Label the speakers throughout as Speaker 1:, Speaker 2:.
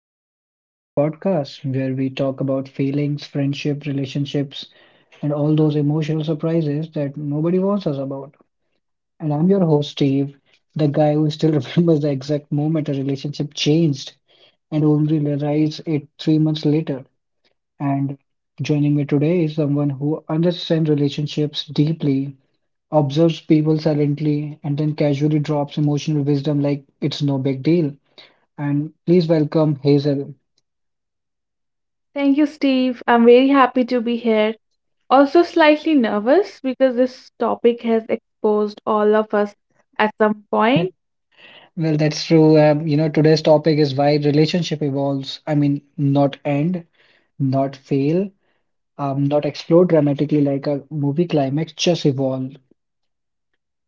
Speaker 1: Welcome back to the podcast where we talk about feelings, friendship, relationships, and all those emotional surprises that nobody warns us about. And I'm your host, Steve, the guy who still remembers the exact moment a relationship changed and only realized it 3 months later. And joining me today is someone who understands relationships deeply, observes people silently, and then casually drops emotional wisdom like it's no big deal. And please welcome Hazel.
Speaker 2: Thank you, Steve. I'm very happy to be here. Also, slightly nervous because this topic has exposed all of us at some point.
Speaker 1: Well, that's true. Today's topic is why relationship evolves. I mean, not end, not fail, not explode dramatically like a movie climax, just evolve.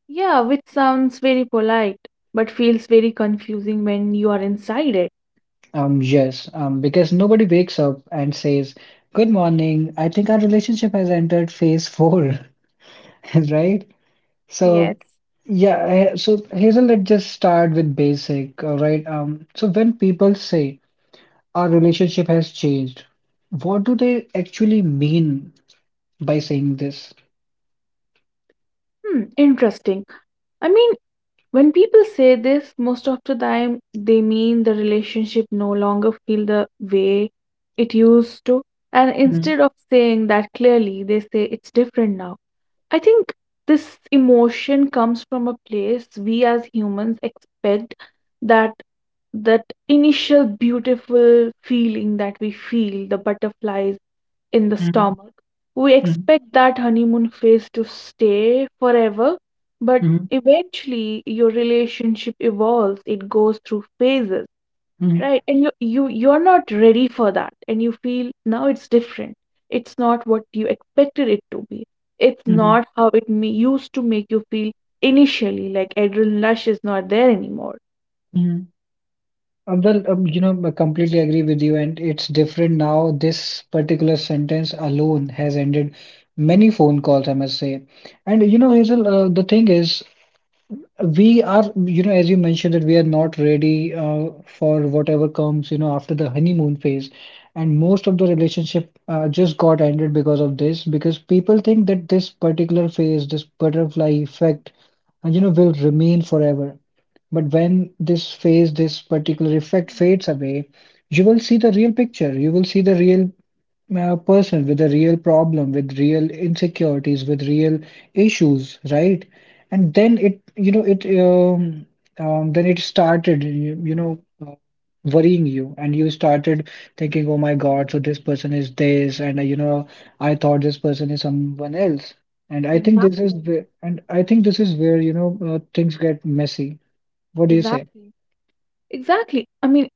Speaker 2: Yeah, which sounds very polite, but feels very confusing when you are inside it.
Speaker 1: Yes, because nobody wakes up and says, "Good morning. I think our relationship has entered phase four," right? So
Speaker 2: Yes.
Speaker 1: yeah, so Hazel, let's just start with basic, all right? So when people say our relationship has changed, what do they actually mean by saying this?
Speaker 2: Hmm, interesting. I mean, when people say this, most of the time they mean the relationship no longer feel the way it used to. And
Speaker 1: Mhm,
Speaker 2: instead of saying that clearly, they say it's different now. I think this emotion comes from a place we as humans expect that that initial beautiful feeling that we feel the butterflies in the
Speaker 1: mhm,
Speaker 2: stomach, we
Speaker 1: mhm,
Speaker 2: expect that honeymoon phase to stay forever, but
Speaker 1: mhm,
Speaker 2: eventually your relationship evolves, it goes through phases.
Speaker 1: mhm,
Speaker 2: Right, and you're not ready for that, and you feel now it's different. It's not what you expected it to be. It's
Speaker 1: mhm,
Speaker 2: not how it me used to make you feel initially, like adrenaline rush is not there anymore.
Speaker 1: mhm. Well, I completely agree with you, and it's different now. This particular sentence alone has ended many phone calls, I must say. And you know, Hazel, the thing is, we are, you know, as you mentioned that we are not ready for whatever comes, you know, after the honeymoon phase. And most of the relationship just got ended because of this, because people think that this particular phase, this butterfly effect, you know, will remain forever. But when this phase, this particular effect
Speaker 2: Hmm.
Speaker 1: fades away, you will see the real picture. You will see the real a person with a real problem, with real insecurities, with real issues, right? And then it, you know, it, then it started, you know, worrying you, and you started thinking, oh my God, so this person is this, and you know, I thought this person is someone else. And I think this is
Speaker 2: Exactly,
Speaker 1: where, and I think this is where, you know, things get messy. What do you say?
Speaker 2: exactly, exactly. I mean,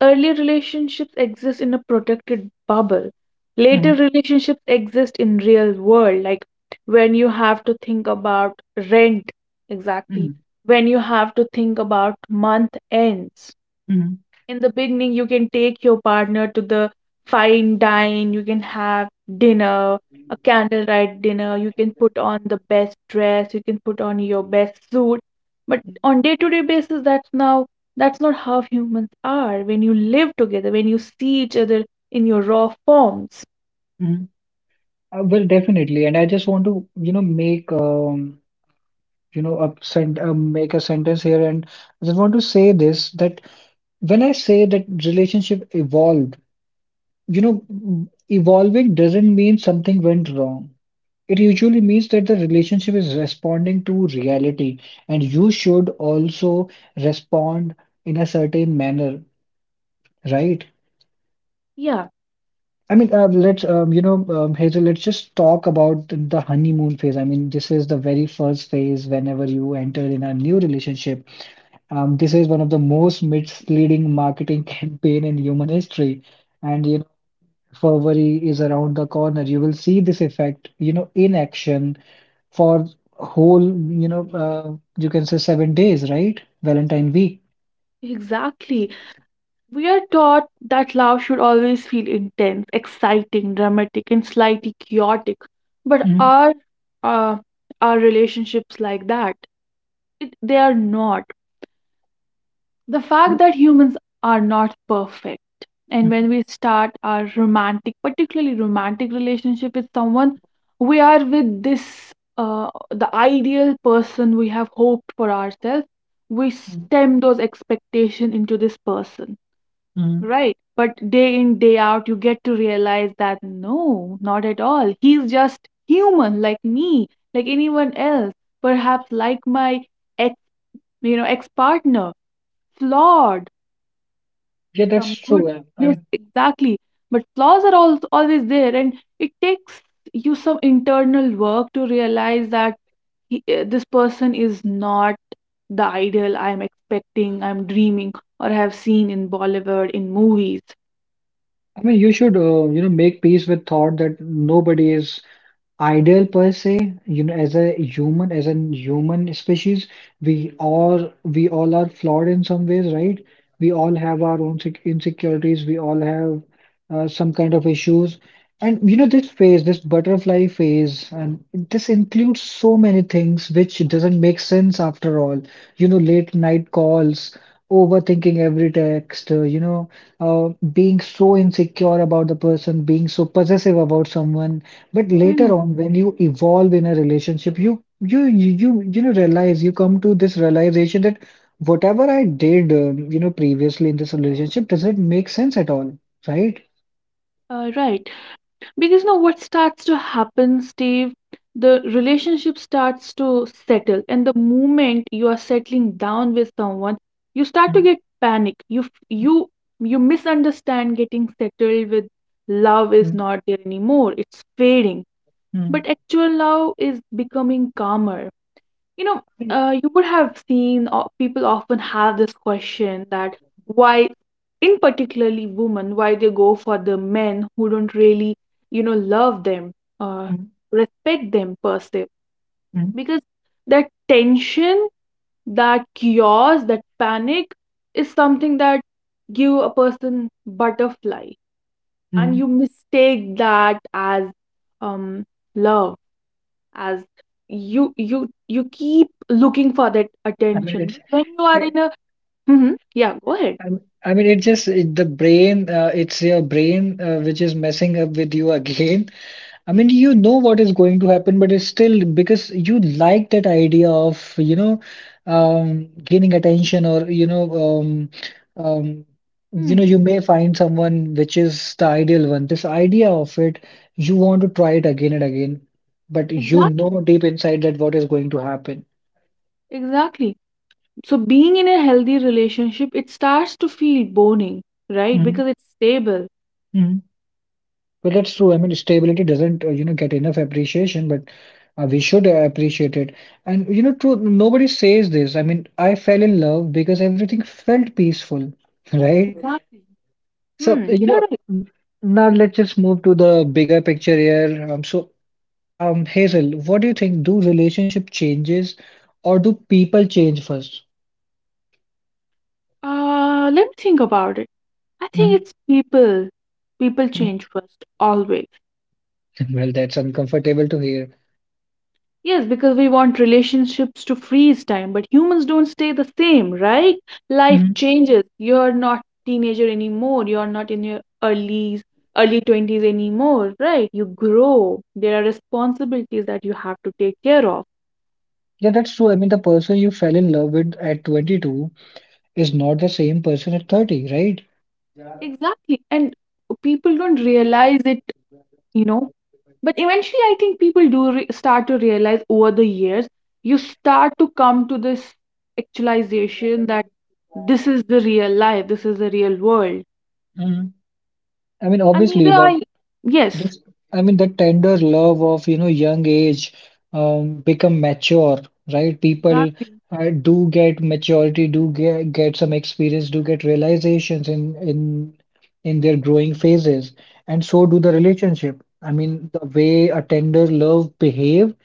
Speaker 2: early relationships exist in a protected bubble. Later
Speaker 1: Mhm,
Speaker 2: relationships exist in real world, like when you have to think about rent, exactly,
Speaker 1: mhm,
Speaker 2: when you have to think about month ends.
Speaker 1: mhm,
Speaker 2: In the beginning you can take your partner to the fine dine, you can have dinner, a candlelight dinner, you can put on the best dress, you can put on your best suit, but on day to day basis, that's not how humans are, when you live together, when you see each other in your raw forms.
Speaker 1: mhm. Well, definitely, and I just want to, you know, make a sentence here, and I just want to say this that when I say that relationship evolved, you know, evolving doesn't mean something went wrong. It usually means that the relationship is responding to reality, and you should also respond in a certain manner, right?
Speaker 2: Yeah,
Speaker 1: I mean, let's, you know, Hazel, let's just talk about the honeymoon phase. I mean, this is the very first phase whenever you enter in a new relationship. This is one of the most misleading marketing campaign in human history. And, you know, February is around the corner. You will see this effect, you know, in action for whole, you know, you can say 7 days, right? Valentine week.
Speaker 2: exactly. We are taught that love should always feel intense, exciting, dramatic, and slightly chaotic. But
Speaker 1: Mhm.
Speaker 2: are uh, our relationships like that? They are not. The fact
Speaker 1: Mhm.
Speaker 2: that humans are not perfect, and when we start our romantic, particularly romantic relationship with someone, we are with this the ideal person we have hoped for ourselves. We
Speaker 1: Mhm.
Speaker 2: stem those expectations into this person.
Speaker 1: Mhm.
Speaker 2: Right. But day in, day out, you get to realize that no, not at all. He's just human like me, like anyone else, perhaps like my ex, ex partner, flawed,
Speaker 1: Yeah, that's
Speaker 2: some
Speaker 1: true. I
Speaker 2: goodness, exactly. But flaws are always there, and it takes you some internal work to realize that this person is not the ideal I'm expecting, I'm dreaming, or have seen in Bollywood, in movies.
Speaker 1: I mean, you should, you know, make peace with thought that nobody is ideal per se, you know, as a human, as a human species, we all are flawed in some ways, right? We all have our own insecurities, we all have some kind of issues. And you know, this phase, this butterfly phase, and this includes so many things which doesn't make sense after all. You know, late night calls, overthinking every text, being so insecure about the person, being so possessive about someone. But later on, when you evolve in a relationship, you know, realize, you come to this realization that whatever I did, you know, previously in this relationship doesn't make sense at all, right?
Speaker 2: Right. Because now what starts to happen, Steve, the relationship starts to settle. And the moment you are settling down with someone, you start to
Speaker 1: Mm,
Speaker 2: get panic. You f- you misunderstand getting settled with, love is
Speaker 1: mm,
Speaker 2: not there anymore. It's fading.
Speaker 1: mm.
Speaker 2: But actual love is becoming calmer. you know you would have seen people often have this question that why, in particularly women, why they go for the men who don't really love them, uh,
Speaker 1: Mm,
Speaker 2: respect them per se,
Speaker 1: mm,
Speaker 2: because that tension, that chaos, that panic is something that give a person butterfly, and you
Speaker 1: mm.
Speaker 2: mistake that as um love, as you keep looking for that
Speaker 1: I mean,
Speaker 2: attention.
Speaker 1: it's,
Speaker 2: But when you are
Speaker 1: eh,
Speaker 2: in a— Hmm, yeah, go ahead.
Speaker 1: I mean, it just, the brain, it's your brain, which is messing up with you again. I mean, you know what is going to happen, but it's still because you like that idea of, you know, gaining attention or, um, um, you know,
Speaker 2: Hmm.
Speaker 1: you may find someone which is the ideal one. This idea of it, you want to try it again and again, but you
Speaker 2: Exactly.
Speaker 1: know deep inside that what is going to happen.
Speaker 2: Exactly. So being in a healthy relationship, it starts to feel boning, right? Because it's stable.
Speaker 1: Mhm. Well, that's true. I mean, stability doesn't, you know, get enough appreciation, but we should appreciate it. And, you know, true, nobody says this. I mean, I fell in love because everything felt peaceful, right?
Speaker 2: Exactly.
Speaker 1: So,
Speaker 2: Hmm. You're right.
Speaker 1: now let's just move to the bigger picture here. Hazel, what do you think? Do relationship changes or do people change first?
Speaker 2: Let me think about it. I think
Speaker 1: Mm,
Speaker 2: it's people. People
Speaker 1: mm.
Speaker 2: change first, always.
Speaker 1: Well, that's uncomfortable to hear.
Speaker 2: Yes, because we want relationships to freeze time, but humans don't stay the same, right? Life
Speaker 1: Mhm.
Speaker 2: changes. You're not teenager anymore. You're not in your early 20s anymore, right? You grow. There are responsibilities that you have to take care of.
Speaker 1: Yeah, that's true. I mean, the person you fell in love with at 22 is not the same person at 30, right?
Speaker 2: Exactly. And people don't realize it, you know. But eventually I think people do start to realize over the years, you start to come to this actualization that this is the real life, this is the real world.
Speaker 1: Mm. I mean,
Speaker 2: And neither
Speaker 1: obviously,
Speaker 2: are
Speaker 1: the
Speaker 2: you. Yes,
Speaker 1: this I mean, the tender love of, you know, young age become mature, right? People
Speaker 2: exactly.
Speaker 1: do get maturity, do get some experience, do get realizations in in their growing phases, and so do
Speaker 2: Mm.
Speaker 1: the relationship. I mean, the way a tender love behaves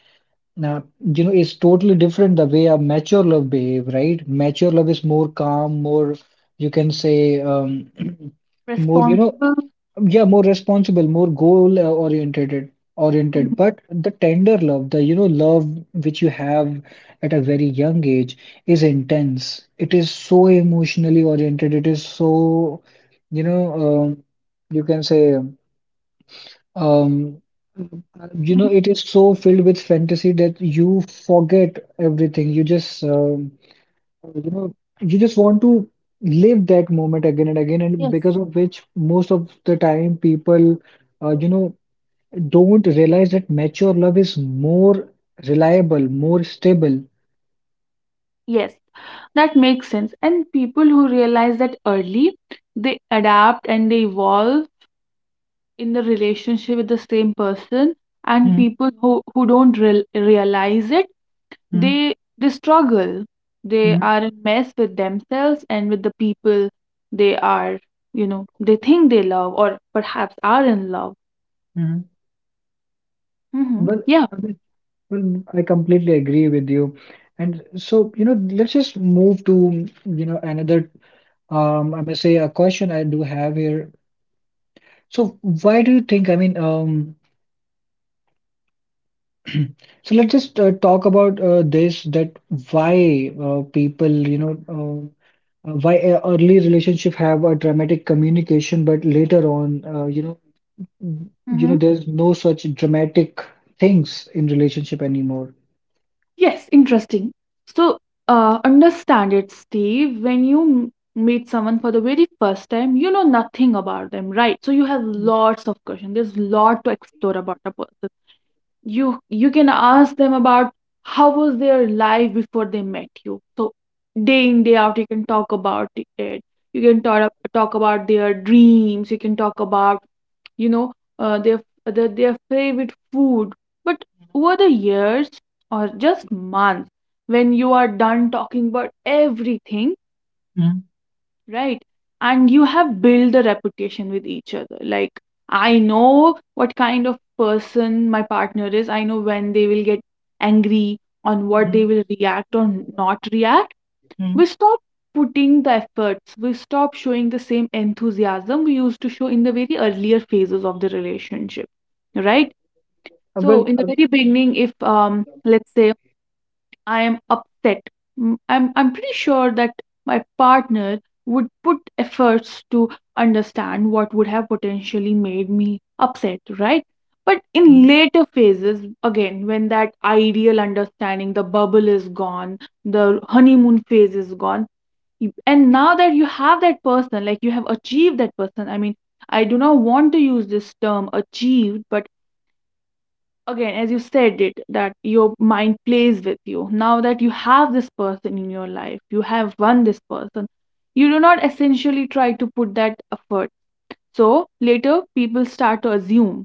Speaker 1: now, you know, it's totally different the way a mature love behave, right? Mature love is more calm, more, you can say, more, you know,
Speaker 2: Responsible.
Speaker 1: yeah, more responsible, more goal oriented.
Speaker 2: Mhm.
Speaker 1: But the tender love, the, you know, love which you have at a very young age is intense. It is so emotionally oriented. It is so, you know, um, you can say. Um, you know,
Speaker 2: Mhm.
Speaker 1: it is so filled with fantasy that you forget everything. You know, you just want to live that moment again and again, and
Speaker 2: Yes.
Speaker 1: because of which most of the time people, you know, don't realize that mature love is more reliable, more stable.
Speaker 2: Yes, that makes sense. And people who realize that early, they adapt and they evolve in the relationship with the same person. And
Speaker 1: Hmm.
Speaker 2: people who don't realize it,
Speaker 1: Hmm.
Speaker 2: they struggle. They
Speaker 1: Hmm.
Speaker 2: are a mess with themselves and with the people they are, you know, they think they love or perhaps are in love.
Speaker 1: Hmm.
Speaker 2: Hmm,
Speaker 1: Well,
Speaker 2: yeah.
Speaker 1: I mean, I completely agree with you. And so, you know, let's just move to, you know, another. I must say a question I do have here. So why do you think, so let's just talk about this, that why people, why a early relationship have a dramatic communication, but later on, you
Speaker 2: Mm-hmm.
Speaker 1: know, there's no such dramatic things in relationship anymore.
Speaker 2: Yes, interesting. So, understand it, Steve. When you meet someone for the very first time, you know nothing about them, right? So you have
Speaker 1: Mm,
Speaker 2: lots of questions. There's lot to explore about a person, you can ask them about how was their life before they met you, so day in day out you can talk about it, you can talk about their dreams, you can talk about you know their, their favorite food, but over the years, or just months, when you are done talking about everything,
Speaker 1: mm,
Speaker 2: right, and you have built a reputation with each other, like I know what kind of person my partner is, I know when they will get angry, on what they
Speaker 1: mm,
Speaker 2: will react or not react, we
Speaker 1: mm.
Speaker 2: stop putting the efforts, we stop showing the same enthusiasm we used to show in the very earlier phases of the relationship, right.
Speaker 1: Uh, Well,
Speaker 2: So in
Speaker 1: uh,
Speaker 2: the very beginning, if let's say I am upset. I'm pretty sure that my partner would put efforts to understand what would have potentially made me upset, right? But in
Speaker 1: mm.
Speaker 2: later phases, again, when that ideal understanding, the bubble is gone, the honeymoon phase is gone, and now that you have that person, like you have achieved that person, I mean, I do not want to use this term achieved, but again, as you said it, that your mind plays with you, now that you have this person in your life, you have won this person, you do not essentially try to put that effort, so later people start to assume,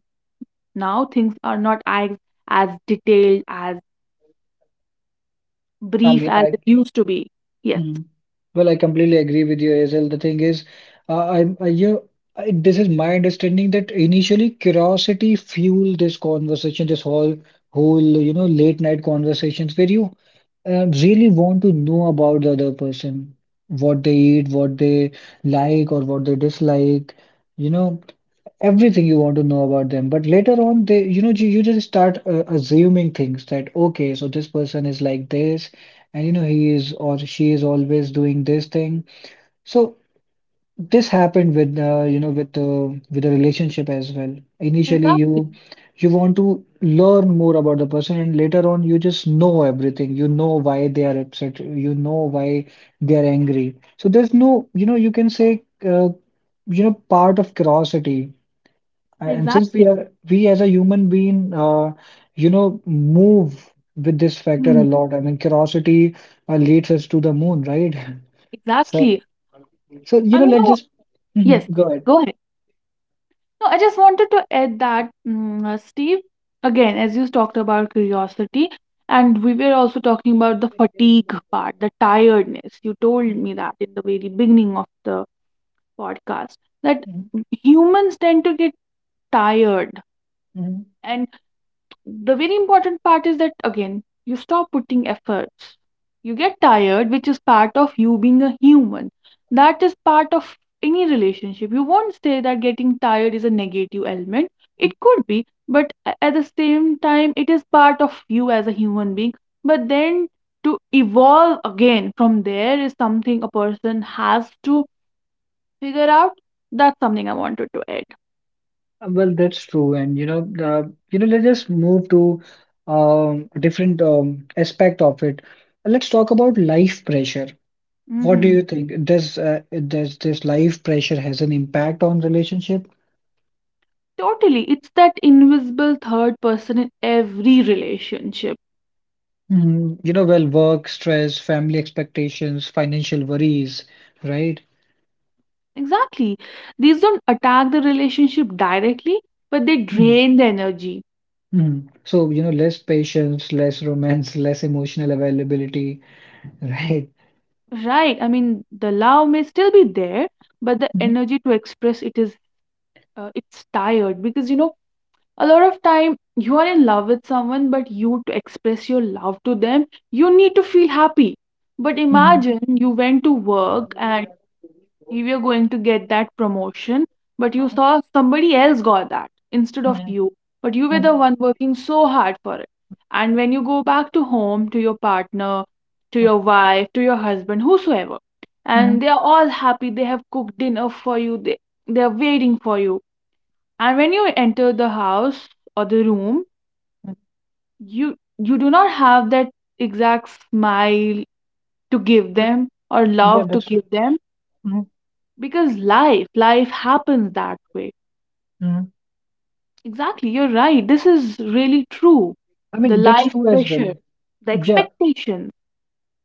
Speaker 2: now things are not as detailed, as
Speaker 1: I
Speaker 2: brief
Speaker 1: mean,
Speaker 2: as
Speaker 1: I
Speaker 2: it used to be. Yes,
Speaker 1: Mhm. Well, I completely agree with you, Hazel. The thing is, I'm I, you. I, this is my understanding that initially curiosity fueled this conversation, this whole, you know, late night conversations where you really want to know about the other person, what they eat, what they like, or what they dislike. You know, everything you want to know about them, but later on, they you know you, you just start assuming things that okay, so this person is like this, and you know he is or she is always doing this thing. So this happened with with the relationship as well. Initially,
Speaker 2: exactly,
Speaker 1: you want to learn more about the person, and later on you just know everything. You know why they are upset, you know why they are angry. So there's no, you know, you can say, uh, part of curiosity. And since we
Speaker 2: exactly.
Speaker 1: are, we as a human being, move with this factor a
Speaker 2: Hmm.
Speaker 1: lot. I mean, curiosity leads us to the moon, right? So,
Speaker 2: Exactly.
Speaker 1: so you know,
Speaker 2: And you know
Speaker 1: let's
Speaker 2: what?
Speaker 1: just.
Speaker 2: Yes,
Speaker 1: Mhm, go
Speaker 2: yes,
Speaker 1: ahead.
Speaker 2: go ahead. No, I just wanted to add that, Steve, again, as you talked about curiosity, and we were also talking about the fatigue part, the tiredness. You told me
Speaker 1: Mhm,
Speaker 2: that in the very beginning of the podcast that
Speaker 1: mhm,
Speaker 2: humans tend to get tired.
Speaker 1: mhm.
Speaker 2: And the very important part is that, again, you stop putting efforts, you get tired, which is part of you being a human, that is part of any relationship, you won't say that getting tired is a negative element,
Speaker 1: Mhm.
Speaker 2: it could be, but at the same time, it is part of you as a human being, but then to evolve again from there is something a person has to figure out. That's something I wanted to add.
Speaker 1: Well, that's true, and you know, let's just move to a different aspect of it. Let's talk about life pressure. What do
Speaker 2: Hmm.
Speaker 1: you think? Does this life pressure has an impact on relationship?
Speaker 2: Totally. It's that invisible third person in every relationship.
Speaker 1: Mm, you know, well, work, stress, family expectations, financial worries, right?
Speaker 2: Exactly. These don't attack the relationship directly, but they
Speaker 1: Mm,
Speaker 2: drain the energy.
Speaker 1: mm. So, you know, less patience, less romance, less emotional availability, right?
Speaker 2: Right. I mean, the love may still be there, but the
Speaker 1: Mm,
Speaker 2: energy to express it is it's tired, because a lot of time you are in love with someone, but you to express your love to them, you need to feel happy. But
Speaker 1: mm,
Speaker 2: imagine you went to work and
Speaker 1: mm,
Speaker 2: you were going to get that promotion, but you saw somebody else got that instead of
Speaker 1: mm,
Speaker 2: you. But you were the
Speaker 1: mm,
Speaker 2: one working so hard for it. And when you go back to home, to your partner, to
Speaker 1: mm,
Speaker 2: your wife, to your husband, whosoever,
Speaker 1: mm,
Speaker 2: and
Speaker 1: mm.
Speaker 2: they are all happy, they have cooked dinner for you, they are waiting for you. And when you enter the house or the room, you do not have that exact smile to give
Speaker 1: I mean,
Speaker 2: them, or
Speaker 1: yeah,
Speaker 2: love to
Speaker 1: that's
Speaker 2: give
Speaker 1: true.
Speaker 2: them,
Speaker 1: Mm,
Speaker 2: because life happens that way.
Speaker 1: mm.
Speaker 2: Exactly, you're right. This is really true.
Speaker 1: I
Speaker 2: The
Speaker 1: mean, that's
Speaker 2: life
Speaker 1: true as
Speaker 2: pressure,
Speaker 1: well.
Speaker 2: the
Speaker 1: Yeah,
Speaker 2: expectations.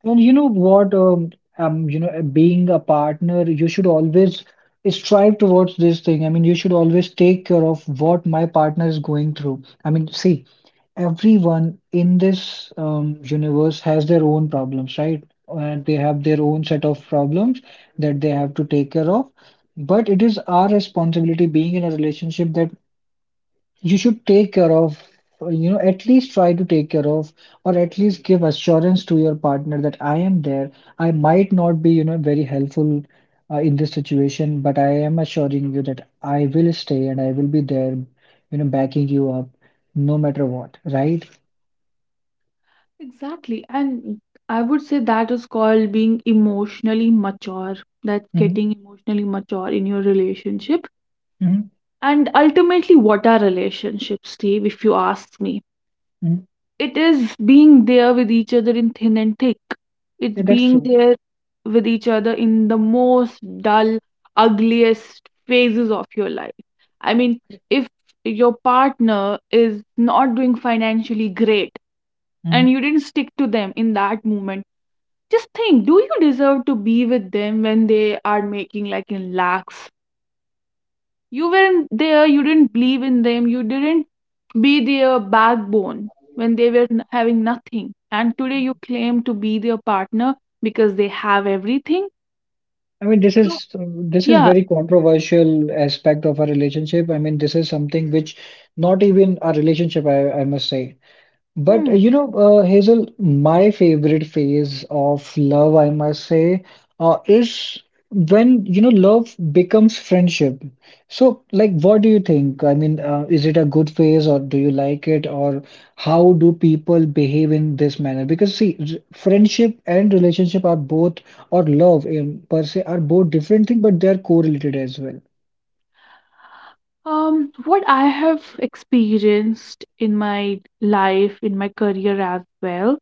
Speaker 1: and you know what, being a partner, you should always strive towards this thing. I mean, you should always take care of what my partner is going through. I mean, see, everyone in this universe has their own problems, right? And they have their own set of problems that they have to take care of. But it is our responsibility, being in a relationship, that you should take care of, you know, at least try to take care of, or at least give assurance to your partner that I am there. I might not be, very helpful in this situation, but I am assuring you that I will stay and I will be there, you know, backing you up no matter what, right?
Speaker 2: Exactly. And I would say that is called being emotionally mature. That's
Speaker 1: Hmm.
Speaker 2: getting emotionally mature in your relationship.
Speaker 1: Hmm.
Speaker 2: And ultimately, what are relationships, Steve, if you ask me?
Speaker 1: Hmm.
Speaker 2: It is being there with each other in thin and thick. It's
Speaker 1: Yeah, that's
Speaker 2: being
Speaker 1: true.
Speaker 2: there with each other in the most dull, ugliest phases of your life. I mean, if your partner is not doing financially great, and
Speaker 1: Mhm.
Speaker 2: you didn't stick to them in that moment, just think, do you deserve to be with them when they are making like in lakhs? You weren't there, you didn't believe in them, you didn't be their backbone when they were having nothing, and today you claim to be their partner because they have everything,
Speaker 1: I mean, this
Speaker 2: so
Speaker 1: is this is
Speaker 2: yeah.
Speaker 1: very controversial aspect of a relationship. I mean, this is something which not even a relationship, I must say. But
Speaker 2: Hmm.
Speaker 1: you know, Hazel, my favorite phase of love, I must say, is when you know love becomes friendship. So, like, what do you think? I mean, is it a good phase, or do you like it, or how do people behave in this manner? Because see, friendship and relationship are both, or love in per se, are both different things, but they are correlated as well.
Speaker 2: What I have experienced in my life, in my career as well,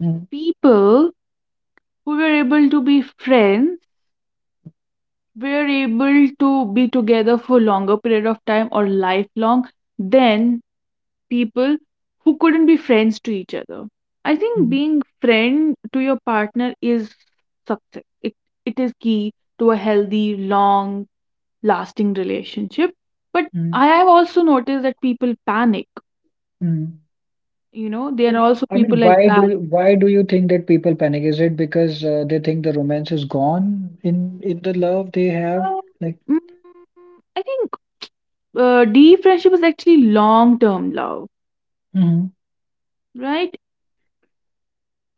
Speaker 1: Mm.
Speaker 2: people who were able to be friends were able to be together for longer period of time or lifelong, then people who couldn't be friends to each other. I think
Speaker 1: Mm.
Speaker 2: being friend to your partner is success. It is key to a healthy, long lasting relationship. But
Speaker 1: Mm.
Speaker 2: I have also noticed that people panic.
Speaker 1: Mm.
Speaker 2: You know, there
Speaker 1: Mean,
Speaker 2: are also
Speaker 1: I
Speaker 2: people
Speaker 1: mean,
Speaker 2: like that.
Speaker 1: why do you think that people panic? Is it because they think the romance is gone in the love they have?
Speaker 2: Uh,
Speaker 1: Like,
Speaker 2: Mm, I think deep friendship is actually long term love,
Speaker 1: hmm.
Speaker 2: right?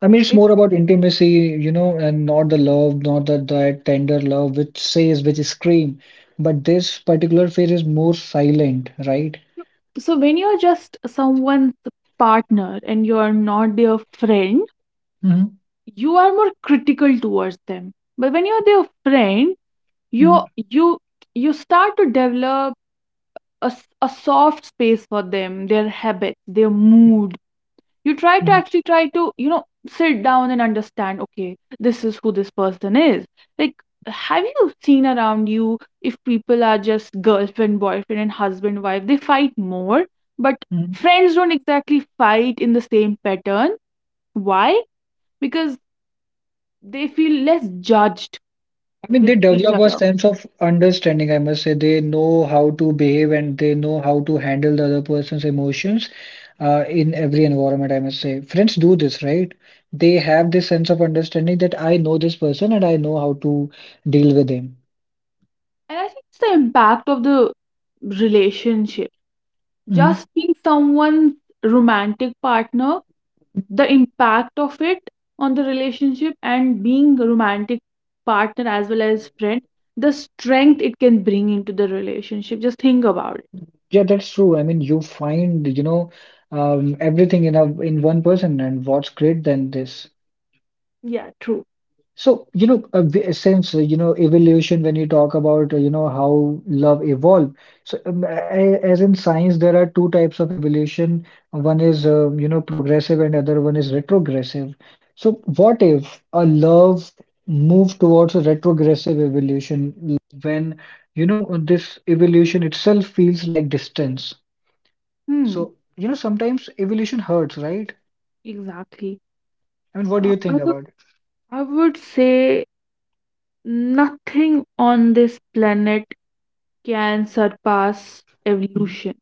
Speaker 1: I mean, it's
Speaker 2: It,
Speaker 1: more about intimacy, you know, and not the love, not that tender love which says, which scream. But this particular phase is more silent, right?
Speaker 2: so when you're just someone's partner and you're not their friend, you are more critical towards them, but when you're their friend,
Speaker 1: Mm-hmm.
Speaker 2: you you you start to develop a, a soft space for them, their habits, their mood. You try to actually try to sit down and understand, okay, this is who this person is. Like, have you seen around you, if people are just girlfriend boyfriend and husband wife, they fight more, but friends don't exactly fight in the same pattern. Why? Because they feel less judged
Speaker 1: I mean, they
Speaker 2: with each
Speaker 1: develop a
Speaker 2: other.
Speaker 1: sense of understanding, I must say. They know how to behave and they know how to handle the other person's emotions in every environment, I must say. Friends do this, right? They have this sense of understanding that I know this person and I know how to deal with him.
Speaker 2: And I think it's the impact of the relationship.
Speaker 1: Mhm.
Speaker 2: Just being someone's romantic partner, the impact of it on the relationship, and being a romantic partner as well as friend, the strength it can bring into the relationship. Just think about it.
Speaker 1: Yeah, that's true. I mean, you find, you know, everything in a in one person, and what's great than this?
Speaker 2: Yeah, true.
Speaker 1: So, you know, since, you know, evolution, when you talk about, you know, how love evolved, so as in science, there are two types of evolution. One is, you know, progressive and other one is retrogressive. So what if a love moved towards a retrogressive evolution when, you know, this evolution itself feels like distance?
Speaker 2: Hmm,
Speaker 1: So, you know, sometimes evolution hurts, right?
Speaker 2: exactly.
Speaker 1: I mean, what do
Speaker 2: Uh,
Speaker 1: you
Speaker 2: I
Speaker 1: think
Speaker 2: would,
Speaker 1: about it?
Speaker 2: I would say nothing on this planet can surpass
Speaker 1: Mm.
Speaker 2: evolution.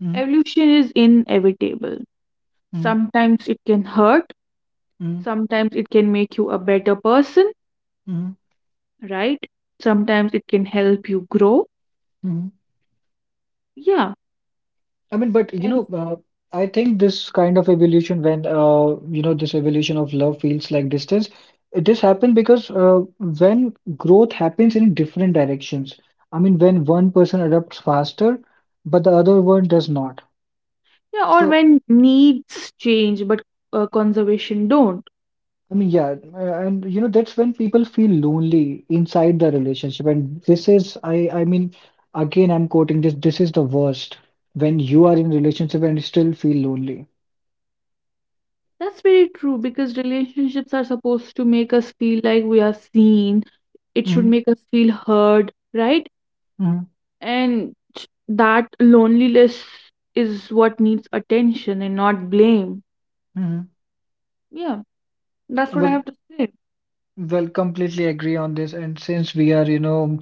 Speaker 1: Mm.
Speaker 2: Evolution is inevitable.
Speaker 1: Mm.
Speaker 2: Sometimes it can hurt,
Speaker 1: Mm.
Speaker 2: sometimes it can make you a better person,
Speaker 1: Mm.
Speaker 2: right? Sometimes it can help you grow.
Speaker 1: Mm.
Speaker 2: Yeah.
Speaker 1: I mean, but you know,
Speaker 2: And-
Speaker 1: I think this kind of evolution, when you know, this evolution of love feels like distance, it just happened because when growth happens in different directions. I mean, when one person adapts faster, but the other one does not.
Speaker 2: yeah, or
Speaker 1: So,
Speaker 2: when needs change but conservation don't.
Speaker 1: I mean, yeah, and you know, that's when people feel lonely inside the relationship. And this is, I mean, again, I'm quoting this. This is the worst when you are in relationship and still feel lonely.
Speaker 2: That's very true, because relationships are supposed to make us feel like we are seen. It should
Speaker 1: Hmm.
Speaker 2: make us feel heard, right?
Speaker 1: Hmm.
Speaker 2: And that loneliness is what needs attention and not blame.
Speaker 1: Hmm.
Speaker 2: Yeah, that's what I
Speaker 1: Well.
Speaker 2: have to say.
Speaker 1: Well, completely agree on this. And since we are, you know,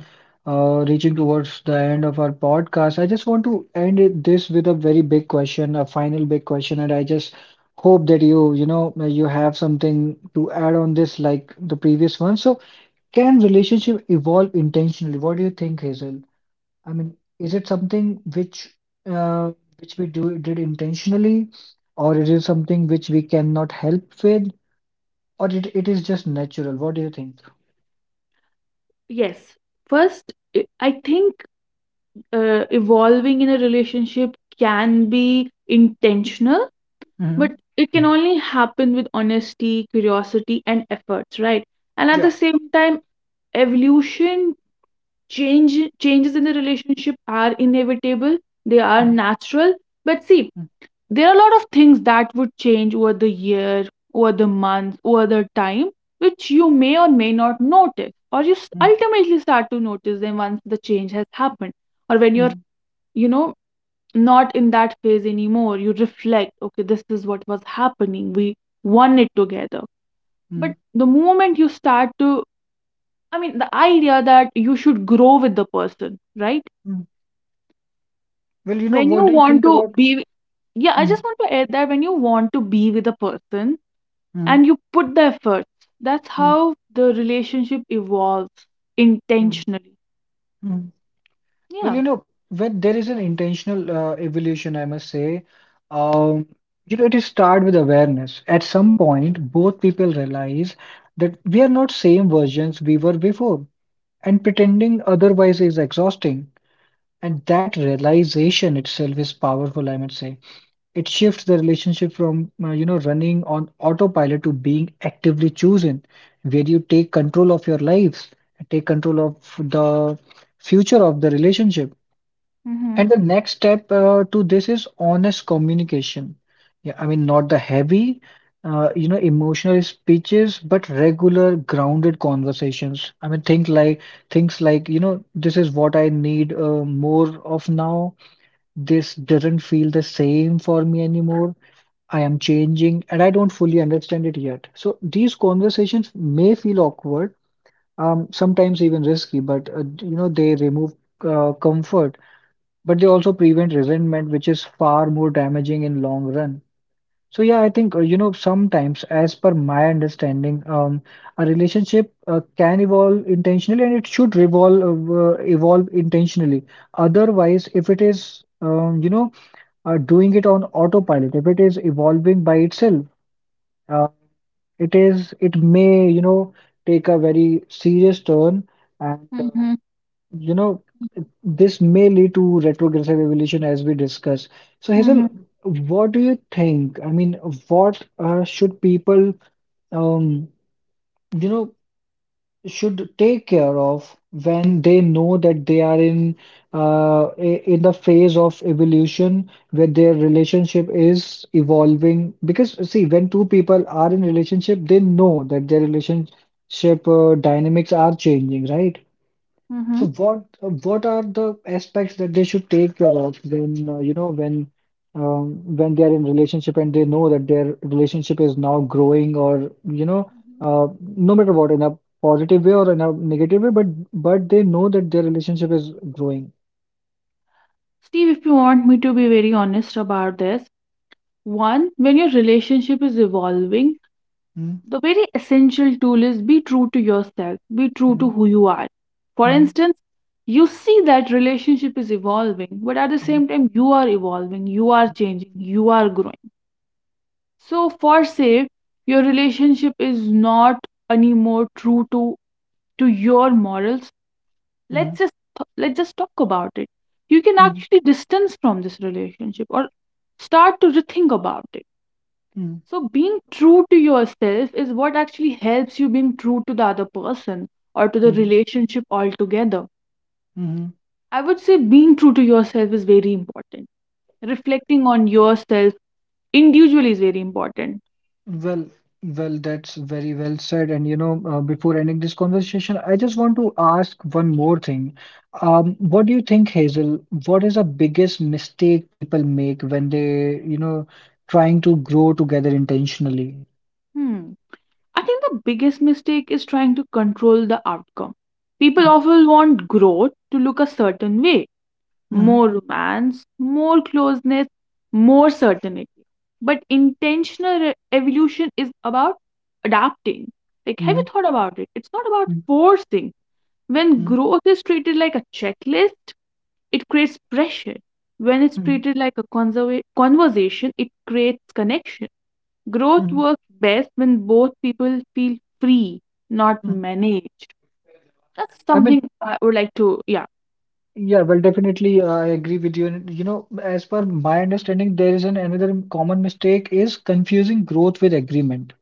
Speaker 1: reaching towards the end of our podcast, I just want to end it, this with a very big question, a final big question. And I just hope that you know, you have something to add on this, like the previous one. So, can relationship evolve intentionally? What do you think, Hazel? I mean, is it something uh, which we do did intentionally, or is it something which we cannot help with, or it is just natural? What do you think?
Speaker 2: Yes. First, I think evolving in a relationship can be intentional,
Speaker 1: Mhm.
Speaker 2: but it can
Speaker 1: Mm.
Speaker 2: only happen with honesty, curiosity, and efforts, right? And at the
Speaker 1: Yeah.
Speaker 2: same time, evolution, changes in the relationship are inevitable, they are
Speaker 1: Mm.
Speaker 2: natural. But see,
Speaker 1: Mm.
Speaker 2: there are a lot of things that would change over the year, over the month, over the time, which you may or may not notice, or you
Speaker 1: Mm.
Speaker 2: ultimately start to notice them once the change has happened, or when you're,
Speaker 1: Mm.
Speaker 2: you know, not in that phase anymore. You reflect, okay, this is what was happening. We won it together.
Speaker 1: Mm.
Speaker 2: But the moment you start to, I mean, the idea that you should grow with the person, right?
Speaker 1: Mm. Well, you know,
Speaker 2: When
Speaker 1: what
Speaker 2: you
Speaker 1: do you
Speaker 2: want
Speaker 1: think
Speaker 2: to
Speaker 1: about?
Speaker 2: be, yeah, I
Speaker 1: Mm.
Speaker 2: just want to add that when you want to be with a person,
Speaker 1: Mm.
Speaker 2: and you put the effort. That's
Speaker 1: Mm.
Speaker 2: how the relationship evolves
Speaker 1: Mm.
Speaker 2: intentionally.
Speaker 1: Mm. Well,
Speaker 2: Yeah.
Speaker 1: you know, when there is an intentional evolution, I must say, um, you know, it is start with awareness. At some point, both people realize that we are not same versions we were before, and pretending otherwise is exhausting. And that realization itself is powerful, I must say. It shifts the relationship from, you know, running on autopilot to being actively chosen, where you take control of your lives, take control of the future of the relationship.
Speaker 2: Mm-hmm.
Speaker 1: And the next step to this is honest communication. Yeah, I mean, not the heavy, you know, emotional speeches, but regular, grounded conversations. I mean, think like things like, you know, this is what I need more of now. This doesn't feel the same for me anymore. I am changing and I don't fully understand it yet. So these conversations may feel awkward, sometimes even risky, but you know they remove comfort, but they also prevent resentment, which is far more damaging in long run. So yeah, I think you know sometimes, as per my understanding, a relationship can evolve intentionally and it should revolve evolve intentionally. Otherwise, if it is you know doing it on autopilot. If it is evolving by itself, uh, it may you know take a very serious turn, and
Speaker 2: Mm-hmm.
Speaker 1: you know this may lead to retrogressive evolution as we discuss. So Hazel,
Speaker 2: Mm-hmm.
Speaker 1: what do you think? I mean, what should people um, you know should take care of when they know that they are in in the phase of evolution where their relationship is evolving. Because see, when two people are in relationship, they know that their relationship dynamics are changing, right?
Speaker 2: Mm-hmm.
Speaker 1: So what are the aspects that they should take care of when you know when they are in relationship and they know that their relationship is now growing or you know uh, no matter what in a positive way or in a negative way but they know that their relationship is growing.
Speaker 2: Steve, if you want me to be very honest about this, one, when your relationship is evolving,
Speaker 1: Mm.
Speaker 2: the very essential tool is be true to yourself, be true to
Speaker 1: Mm.
Speaker 2: who you are. For
Speaker 1: Mm.
Speaker 2: instance, you see that relationship is evolving, but at the
Speaker 1: Mm.
Speaker 2: same time, you are evolving, you are changing, you are growing. So for say your relationship is not anymore true to your morals, let's
Speaker 1: Mm.
Speaker 2: just let's just talk about it. You can
Speaker 1: Mm.
Speaker 2: actually distance from this relationship, or start to rethink about it.
Speaker 1: Mm.
Speaker 2: So being true to yourself is what actually helps you being true to the other person, or to the
Speaker 1: Mm.
Speaker 2: relationship altogether.
Speaker 1: Mm.
Speaker 2: I would say being true to yourself is very important. Reflecting on yourself individually is very important.
Speaker 1: Well, well, that's very well said. And you know, before ending this conversation, I just want to ask one more thing. What do you think, Hazel? What is the biggest mistake people make when they, you know, trying to grow together intentionally?
Speaker 2: Hmm, I think the biggest mistake is trying to control the outcome. People
Speaker 1: Mm.
Speaker 2: often want growth to look a certain way:
Speaker 1: Mm.
Speaker 2: more romance, more closeness, more certainty. But intentional evolution is about adapting. Like, have you
Speaker 1: Mm.
Speaker 2: thought about it? It's not about
Speaker 1: Mm.
Speaker 2: forcing. When
Speaker 1: Mm.
Speaker 2: growth is treated like a checklist, it creates pressure. When it's
Speaker 1: Mm.
Speaker 2: treated like a conversation, it creates connection. Growth
Speaker 1: Mm.
Speaker 2: works best when both people feel free, not
Speaker 1: Mm.
Speaker 2: managed. That's
Speaker 1: I
Speaker 2: something
Speaker 1: mean,
Speaker 2: I would like to, yeah,
Speaker 1: yeah, well, definitely, I agree with you. And, you know, as per my understanding, there is an another common mistake is confusing growth with agreement.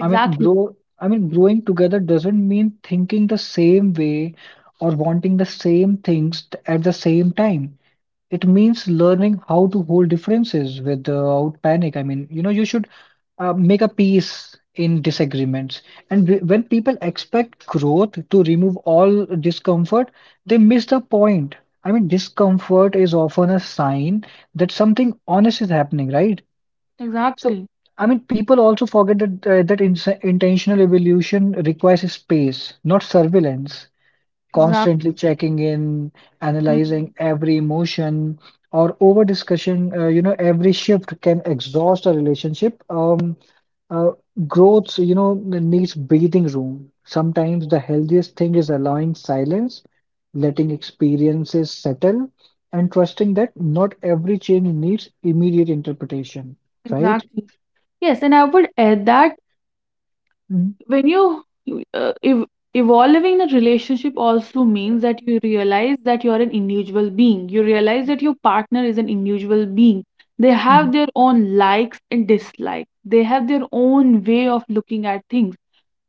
Speaker 1: I mean, grow, I mean, growing together doesn't mean thinking the same way or wanting the same things at the same time. It means learning how to hold differences without panic. I mean, you know, you should make a peace in disagreements. And when people expect growth to remove all discomfort, they miss the point. I mean, discomfort is often a sign that something honest is happening, right? So,
Speaker 2: exactly,
Speaker 1: I mean, people also forget that that ins intentional evolution requires space, not surveillance, constantly
Speaker 2: exactly,
Speaker 1: checking in, analyzing
Speaker 2: mhm,
Speaker 1: every emotion or over discussion. You know, every shift can exhaust a relationship. Uh, Growth, you know, needs breathing room. Sometimes the healthiest thing is allowing silence, letting experiences settle, and trusting that not every change needs immediate interpretation, right?
Speaker 2: exactly. Yes, and I would add that
Speaker 1: Mm.
Speaker 2: when you, uh, ev- evolving the relationship also means that you realize that you're an individual being. You realize that your partner is an individual being. They have
Speaker 1: Mm.
Speaker 2: their own likes and dislikes. They have their own way of looking at things.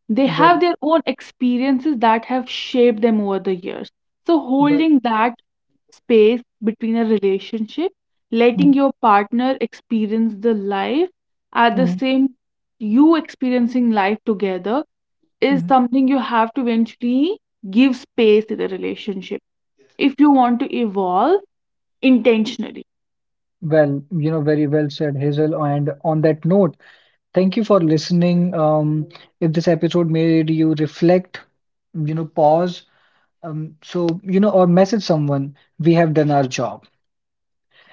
Speaker 2: They
Speaker 1: Well,
Speaker 2: have their own experiences that have shaped them over the years. So,
Speaker 1: well,
Speaker 2: holding that space between a relationship,
Speaker 1: mm,
Speaker 2: letting your partner experience the life at the
Speaker 1: mm,
Speaker 2: same you experiencing life together is
Speaker 1: mm.
Speaker 2: something you have to eventually give space to the relationship if you want to evolve intentionally.
Speaker 1: Well, you know, very well said, Hazel. And on that note, thank you for listening. If this episode made you reflect, you know, pause, so, you know, or message someone, we have done our job.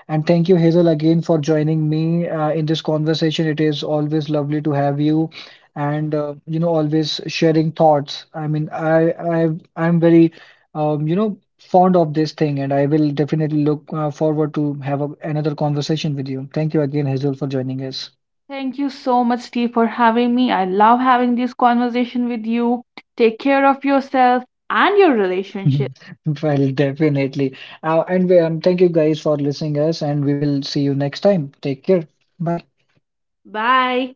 Speaker 1: And thank you, Hazel, again for joining me in this conversation. It is always lovely to have you, and you know, always sharing thoughts. I mean, I'm very you know fond of this thing, and I will definitely look forward to have a, another conversation with you. Thank you again, Hazel, for joining us.
Speaker 2: Thank you so much, Steve, for having me. I love having this conversation with you. Take care of yourself and your relationship.
Speaker 1: Well, definitely. And we, thank you guys for listening us, and we will see you next time. Take care. Bye.
Speaker 2: Bye.